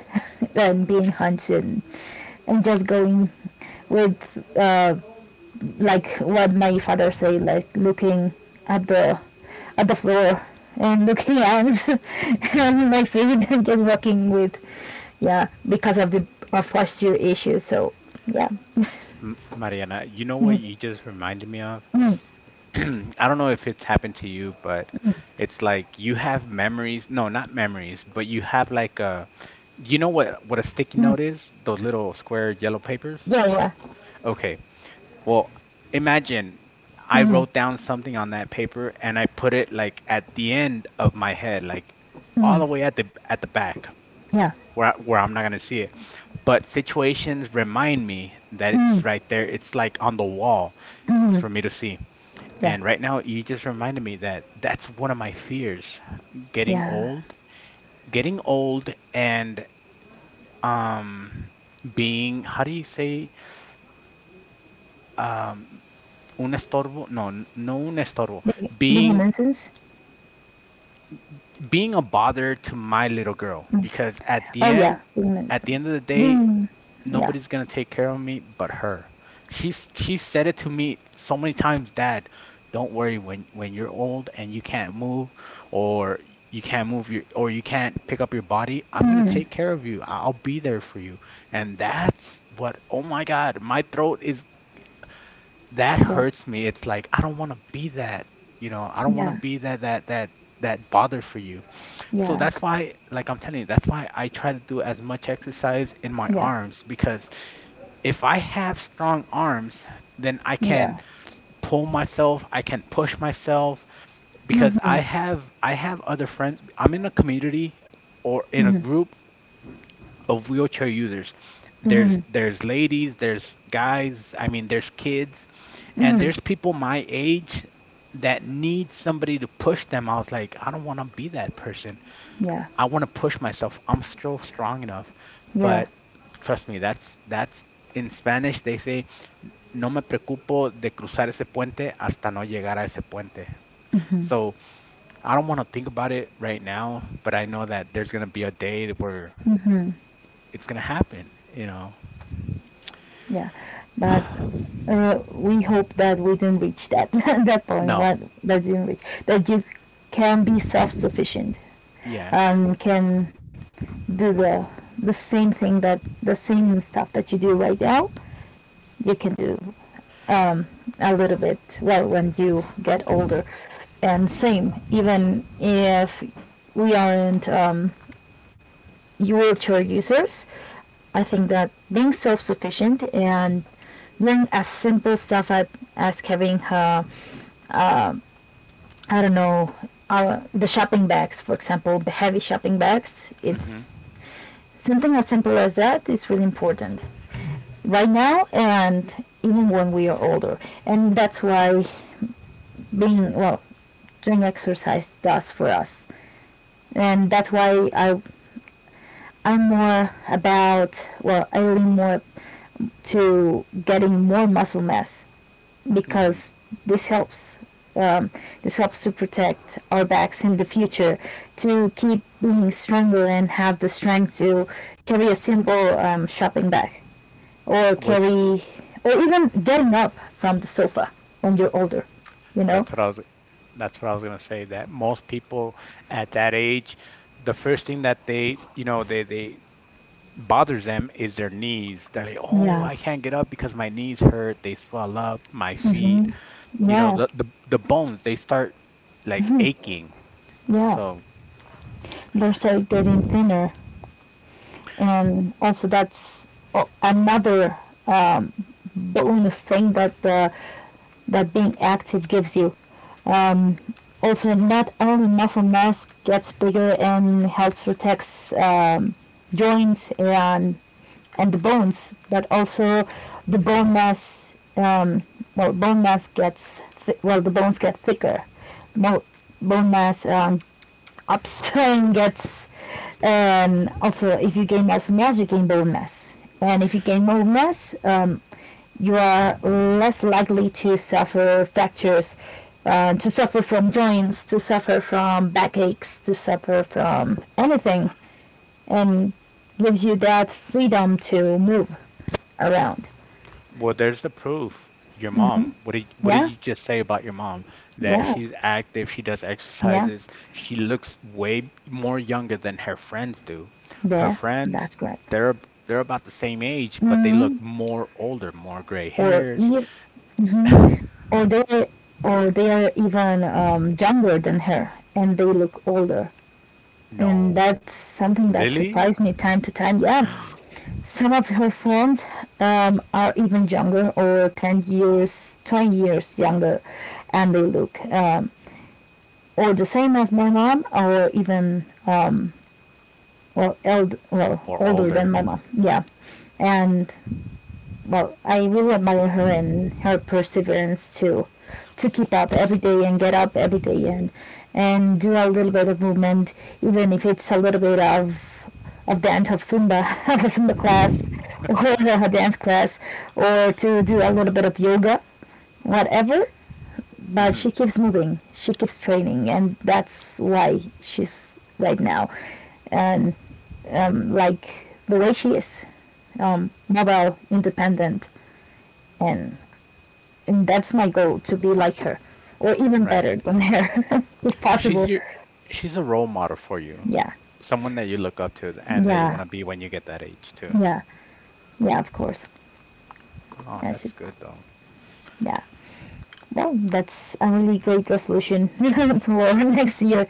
<laughs> and being hunched, and just going with, like what my father say, like looking at the at the floor and looking at <laughs> and my feet and just walking with, yeah, because of the of posture issues, so yeah. Mariana, you know what you just reminded me of? Mm, <clears throat> I don't know if it's happened to you, but it's like you have memories. No, not memories, but you have like a. Do you know what a sticky note is? Those little square yellow papers? yeah. Yeah. Okay. Well, imagine I Mm. wrote down something on that paper and I put it like at the end of my head, like all Mm. the way at the back, Yeah. Where I'm not gonna see it. But situations remind me that it's Mm. right there. It's like on the wall for me to see. Yeah. And right now, you just reminded me that that's one of my fears: getting Yeah, old, and um being, how do you say, um un estorbo? No, no un estorbo. being a Being nuisance. being a bother to my little girl, because Oh yeah, wing at the Mason. end of the day, Wing. Yeah. nobody's gonna take care of me but her. She said it to me so many times, "Dad, don't worry. When you're old and you can't move, or you can't pick up your body, I'm gonna Hmm. take care of you. I'll be there for you." And that's what— oh my God, my throat. Is that Yeah. hurts me. It's like I don't want to be that, I don't want to Yeah. be that bother for you. So Yeah. that's why, like I'm telling you, that's why I try to do as much exercise in my Yeah. arms, because if I have strong arms, then I can Yeah. pull myself, I can push myself. Because I Hmm. have I have other friends. I'm in a community, or in a Hmm. group of wheelchair users. There's Hmm. there's ladies, there's guys, I mean, there's kids, and Hmm. there's people my age that need somebody to push them. I was like, I don't want to be that person. Yeah. I want to push myself. I'm still strong enough. But Yeah. trust me, that's in Spanish they say, no me preocupo de cruzar ese puente hasta no llegar a ese puente. So I don't want to think about it right now, but I know that there's going to be a day where Mhm. it's going to happen, you know? Yeah. But, we hope that we didn't reach that <laughs> that point. No, What that didn't reach that you can be self-sufficient yeah. and can do the same thing that the same stuff that you do right now you can do, um, a little bit, well, when you get older, and same even if we aren't, wheelchair users, I think that being self-sufficient and doing as simple stuff as, having, I don't know, our, the shopping bags, for example, the heavy shopping bags, hmm it's something as simple as that is really important right now, and even when we are older. And that's why being well, doing exercise does for us. And that's why I, I'm more about, well, I lean more to getting more muscle mass, hmm because this helps. Um, this helps to protect our backs in the future, to keep being stronger and have the strength to carry a simple, shopping bag or What's carry, or even getting up from the sofa when you're older, you know? that's what I was, that's what I was going to say, that most people at that age, the first thing that they, you know, they, bothers them is their knees. They're like, oh, Yeah, I can't get up because my knees hurt. They swell up, my feet. You know, yeah, the bones, they start like aching. yeah. So, They're so getting thinner, and also that's another, um, bonus thing that, that being active gives you. Also, not only muscle mass gets bigger and helps protects, joints and the bones, but also the bone mass. Well, bone mass gets well, the bones get thicker. Mo- Bone mass, Abstain gets, also if you gain less mass, you gain bone mass. And if you gain bone mass, you are less likely to suffer fractures, to suffer from joints, to suffer from backaches, to suffer from anything, and gives you that freedom to move around. well, there's the proof. Your mom. What did Yeah, you just say about your mom? That yeah, she's active, she does yeah. exercises, she looks way more younger than her friends do. Her There, that's friends, correct. they're they're about the same age, but they look Mhm. more older, more gray Or hairs. Or they or they are even, younger than her, and they look older, and No, that's something that really? surprised me time to time, yeah. Some of her friends, are even younger, or 10 years, 20 years younger, and they look, or the same as my mom, or even, or well, Or older older? than my mom, yeah. And, well, I really admire her and her perseverance to keep up every day and get up every day and do a little bit of movement, even if it's a little bit of dance, of Zumba, <laughs> of a Zumba class, or <laughs> a dance class, or to do a little bit of yoga, whatever. But Hmm. she keeps moving, she keeps training, and that's why she's right now, and, like the way she is, mobile, independent, and and that's my goal, to be like her, or even Right. better than her, <laughs> if She's possible. your she's a role model for you. Yeah, Someone that you look up to, and that you want yeah, to be when you get that age too. yeah, yeah. Of course, Oh, I should. that's good though. Yeah. Well, that's a really great resolution <laughs> for next year.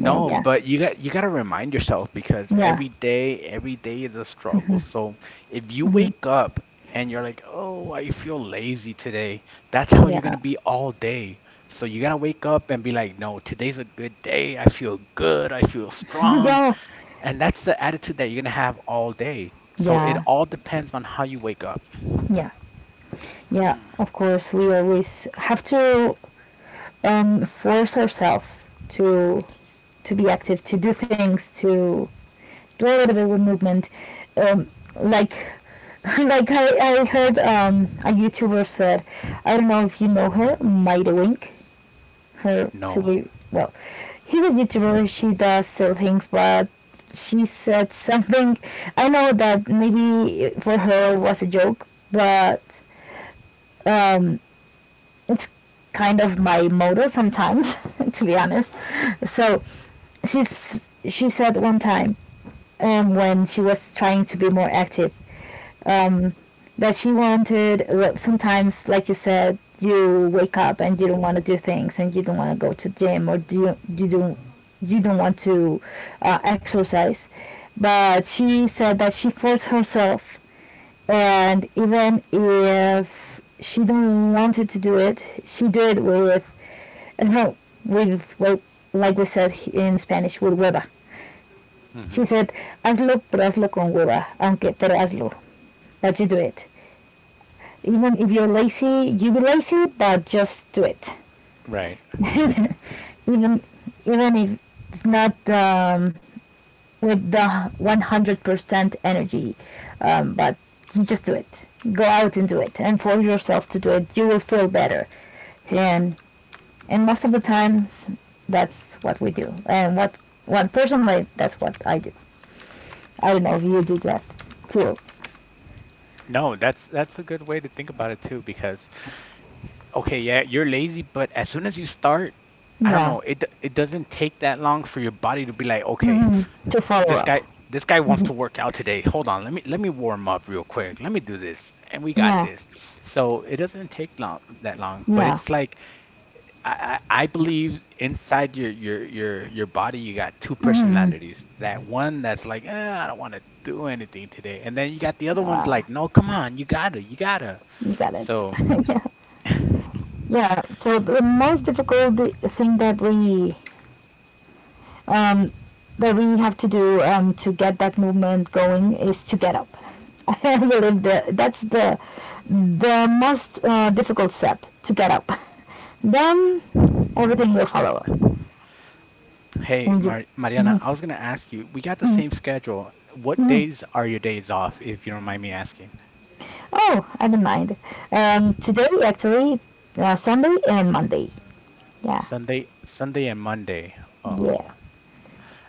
Yeah, yeah, but you got to remind yourself, because yeah, every day is a struggle. So if you wake up and you're like, "Oh, I feel lazy today," that's how you're going yeah, to be all day. So you got to wake up and be like, "No, today's a good day. I feel good. I feel <laughs> strong." yeah, And that's the attitude that you're going to have all day. So it yeah, all depends on how you wake up. yeah, yeah. Of course, we always have to, force ourselves to be active, to do things, to do a little bit of movement. Um, like <laughs> like I heard, a YouTuber said, I don't know if you know her, Mighty Wink. Her No. silly, well, he's a YouTuber. She does silly things, but she said something. I know that maybe for her it was a joke, but, um, it's kind of my motto sometimes, <laughs> to be honest. So she's, she said one time, when she was trying to be more active, um, that she wanted. Well, sometimes, like you said, you wake up and you don't want to do things, and you don't want to go to gym, or do you, you don't want to, exercise. But she said that she forced herself, and even if she didn't wanted to do it, she did with and her with, well, like we said in Spanish, with hueva. She Hmm. said, "Hazlo, pero hazlo con hueva, aunque pero hazlo." That you do it. Even if you're lazy, you be lazy, but just do it. Right. <laughs> even even if it's not with the 100% energy, but you just do it. Go out and do it, and force yourself to do it. You will feel better, and and most of the times, that's what we do. And what personally, that's what I do. I don't know if you do that too. No, that's a good way to think about it too, because okay, yeah, you're lazy, but as soon as you start, I don't Yeah. know, it doesn't take that long for your body to be like, okay, Hmm. To follow this up. guy this guy wants Hmm. to work out today. Hold on, let me warm up real quick. Let me do this, and we got Yeah. this. So it doesn't take long, that long, but Yeah. it's like I believe inside your body you got two Hmm. personalities. That one that's like, eh, I don't want to do anything today, and then you got the other one's like, no, come on, you gotta, you gotta. You got it. So, <laughs> Yeah, yeah. So the most difficult thing that um, we have to do to get that movement going is to get up. <laughs> I believe that that's the most difficult step to get up. <laughs> Then everything will follow up hey, when you. Mariana, Mhm, I was gonna ask you, we got the mhm, same schedule. What mhm. days are your days off, if you don't mind me asking? Oh, I don't mind. Today actually, Sunday and Monday. Yeah, Sunday, Sunday and Monday. yeah, Oh,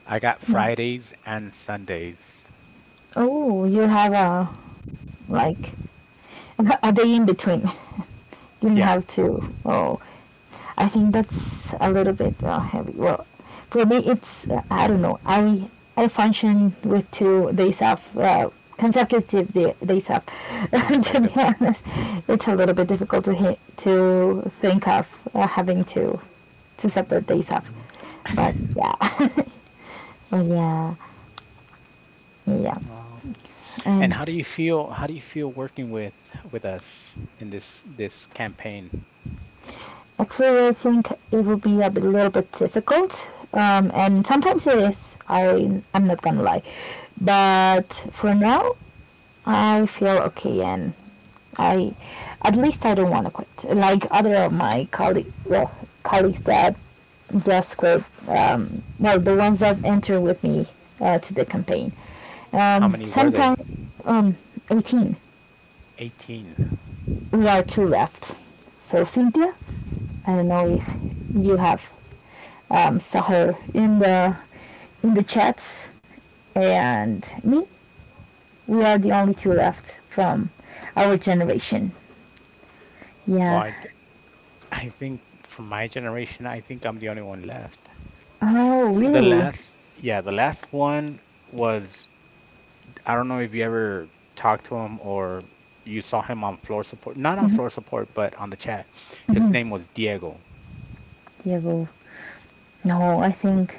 I got yeah. Fridays and Sundays. Oh, you have a, like, a day in between. Didn't Yeah, have to. Oh, I think that's a little bit heavy. Well, for me, it's I don't know. I function with 2 days off, consecutive days off. <laughs> To be consecutive. honest, it's a little bit difficult to think of having two separate days off. But yeah, <laughs> but yeah, yeah, Well, and and how do you feel working with us in this campaign? actually I think it will be a little bit difficult, and sometimes it is. I'm not gonna lie, but for now I feel okay, and I at least I don't want to quit. Like other of my colleagues that just quit. Well, the ones that enter with me to the campaign. How many were they? Sometime um 18. 18. We are two left. So Cynthia, I don't know if you have saw her in the chats, and me. We are the only two left from our generation. Well, Yeah. I think, from my generation, I think I'm the only one left. Oh, The really? last— yeah, the last one was, I don't know if you ever talked to him, or you saw him on floor support, not on floor support, but on the chat. His Mhm. name was Diego. Diego. No, I think,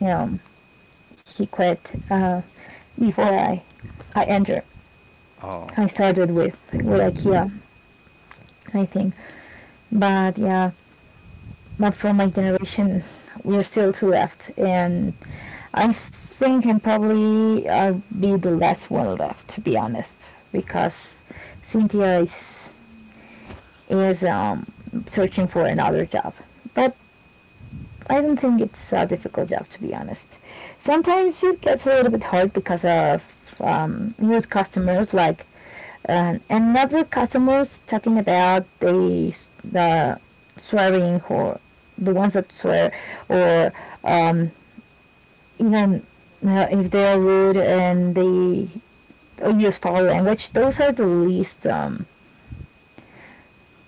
you know, he quit before I I entered. Oh, I started with IKEA, I think. But yeah, but for my generation, we are still two left, and I think I'm probably, I'll be the last one left, to be honest, because Cynthia is searching for another job. But I don't think it's a difficult job, to be honest. Sometimes it gets a little bit hard because of rude customers, like another customers talking about the swearing, or the ones that swear, or even if they are rude and they use foul language. Those are the least, um,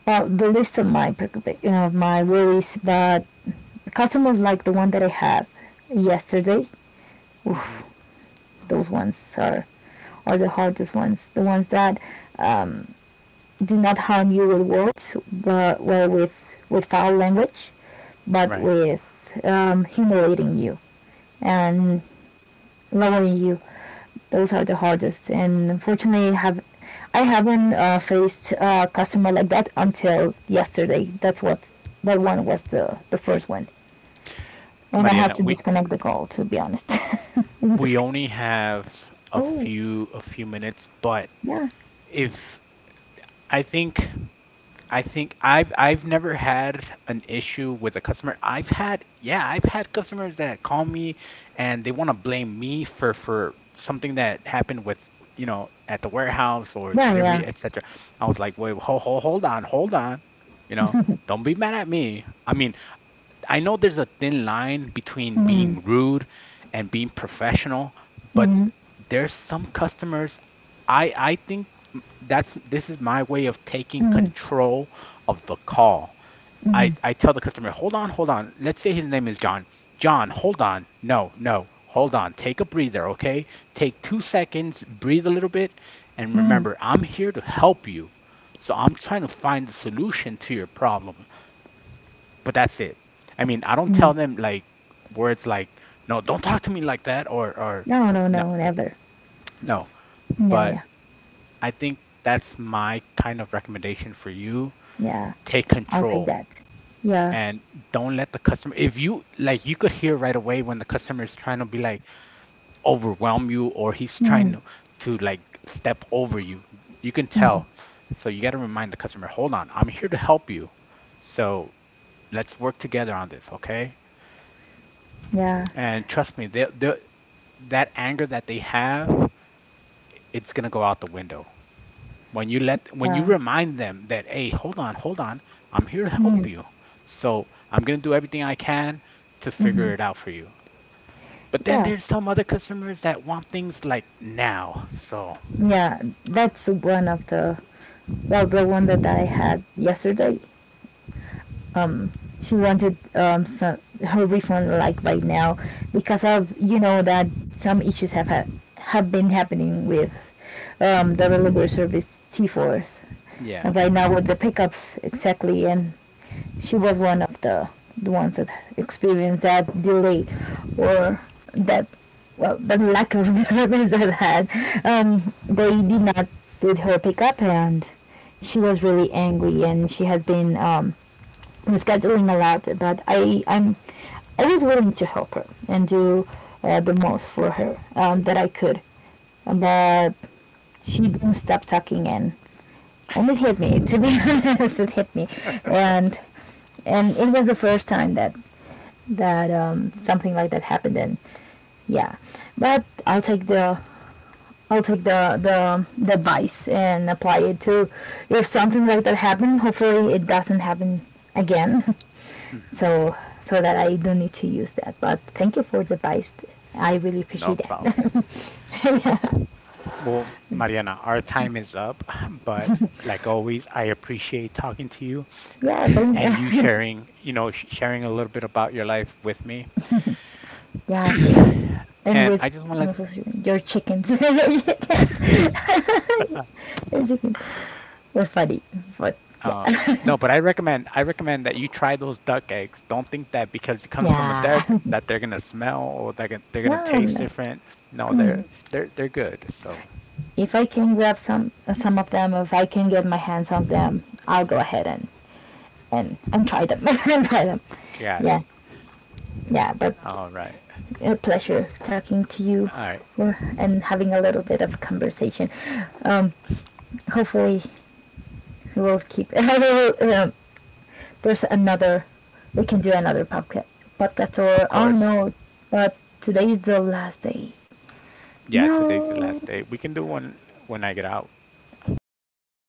well, the least of my worries. But customers like the one that I had yesterday, hmm those ones are the hardest ones. The ones that um, do not harm you with words, but well, with foul language, but right. with humiliating you and lowering you, those are the hardest, and unfortunately have I haven't faced a customer like that until yesterday. That's what that one was the first one, and I had Mariana, to we disconnect the call, to be honest. <laughs> we Disc- only have a oh, few a few minutes, but yeah, If I think I've never had an issue with a customer. I've had yeah, I've had customers that call me and they want to blame me for something that happened with, at the warehouse, or yeah, delivery, yeah. etc. I was like, "Wait, hold, hold, hold on, hold on. You know, don't be mad at me." I mean, I know there's a thin line between being rude and being professional, but Hmm. there's some customers— I think that's this is my way of taking Hmm. control of the call. I tell the customer, "Hold on, hold on. Let's say his name is John. John, hold on. No, no. Hold on. Take a breather, okay? Take 2 seconds, breathe a little bit, and remember, I'm here to help you. So I'm trying to find the solution to your problem," but that's it. I mean, I don't Hmm. tell them like words like, no, don't talk to me like that, or No, no, no, no, never. no. Yeah, But yeah, I think that's my kind of recommendation for you. yeah. Take I'll take control, that. Yeah. and don't let the customer— if you, like, you could hear right away when the customer is trying to be like overwhelm you, or he's Hmm. trying to, like step over you. You can tell. So you got to remind the customer, "Hold on, I'm here to help you. So let's work together on this, okay?" Yeah, And trust me, they that anger that they have, it's gonna go out the window. When you yeah. remind them that, hey, hold on, hold on, I'm here to Hmm. help you, so I'm gonna do everything I can to Hmm. figure it out for you. But then Yeah, there's some other customers that want things like now. So yeah, that's one of the well the one that I had yesterday. She wanted her refund like right now, because of, that some issues have been happening with the delivery service T4s, yeah. and right now with the pickups, exactly, and she was one of the ones that experienced that delay, or that well, the lack of <laughs> deliveries that had um, they did not did her pickup, and she was really angry, and she has been rescheduling a lot, but I was willing to help her and do the most for her that I could, but she didn't stop talking, and it hit me. To be honest, <laughs> it hit me, and and it was the first time that something like that happened. And yeah, but I'll take the advice, and apply it to if something like that happened. Hopefully, it doesn't happen again. <laughs> Hmm. so so that I don't need to use that. But thank you for the advice. I really No appreciate problem. that. Well, Mariana, our time is up, <clears throat> but like always, I appreciate talking to you, <laughs> Yeah, <clears throat> same. and you sharing, sharing a little bit about your life with me. <laughs> Yeah, same. <clears throat> And And I with just want to— your chickens, <laughs> your chickens, your chickens. It was funny, but yeah, Uh, no, but I recommend, that you try those duck eggs. Don't think that because it comes from a duck yeah. <laughs> that they're gonna smell, or they're gonna, No, taste no. different. No, Mm. they're good. So If I can grab some of them, if I can get my hands on them, I'll go ahead and try them <laughs> and try them. got it. Yeah, yeah. But All right, a pleasure talking to you all right. and having a little bit of a conversation. Um, Hopefully, we'll keep. <laughs> I um, there's another. We can do another podcast. Podcast Of or, oh, course, no, but today is the last day. yeah. Today's the No. last day. We can do one when I get out. Yeah.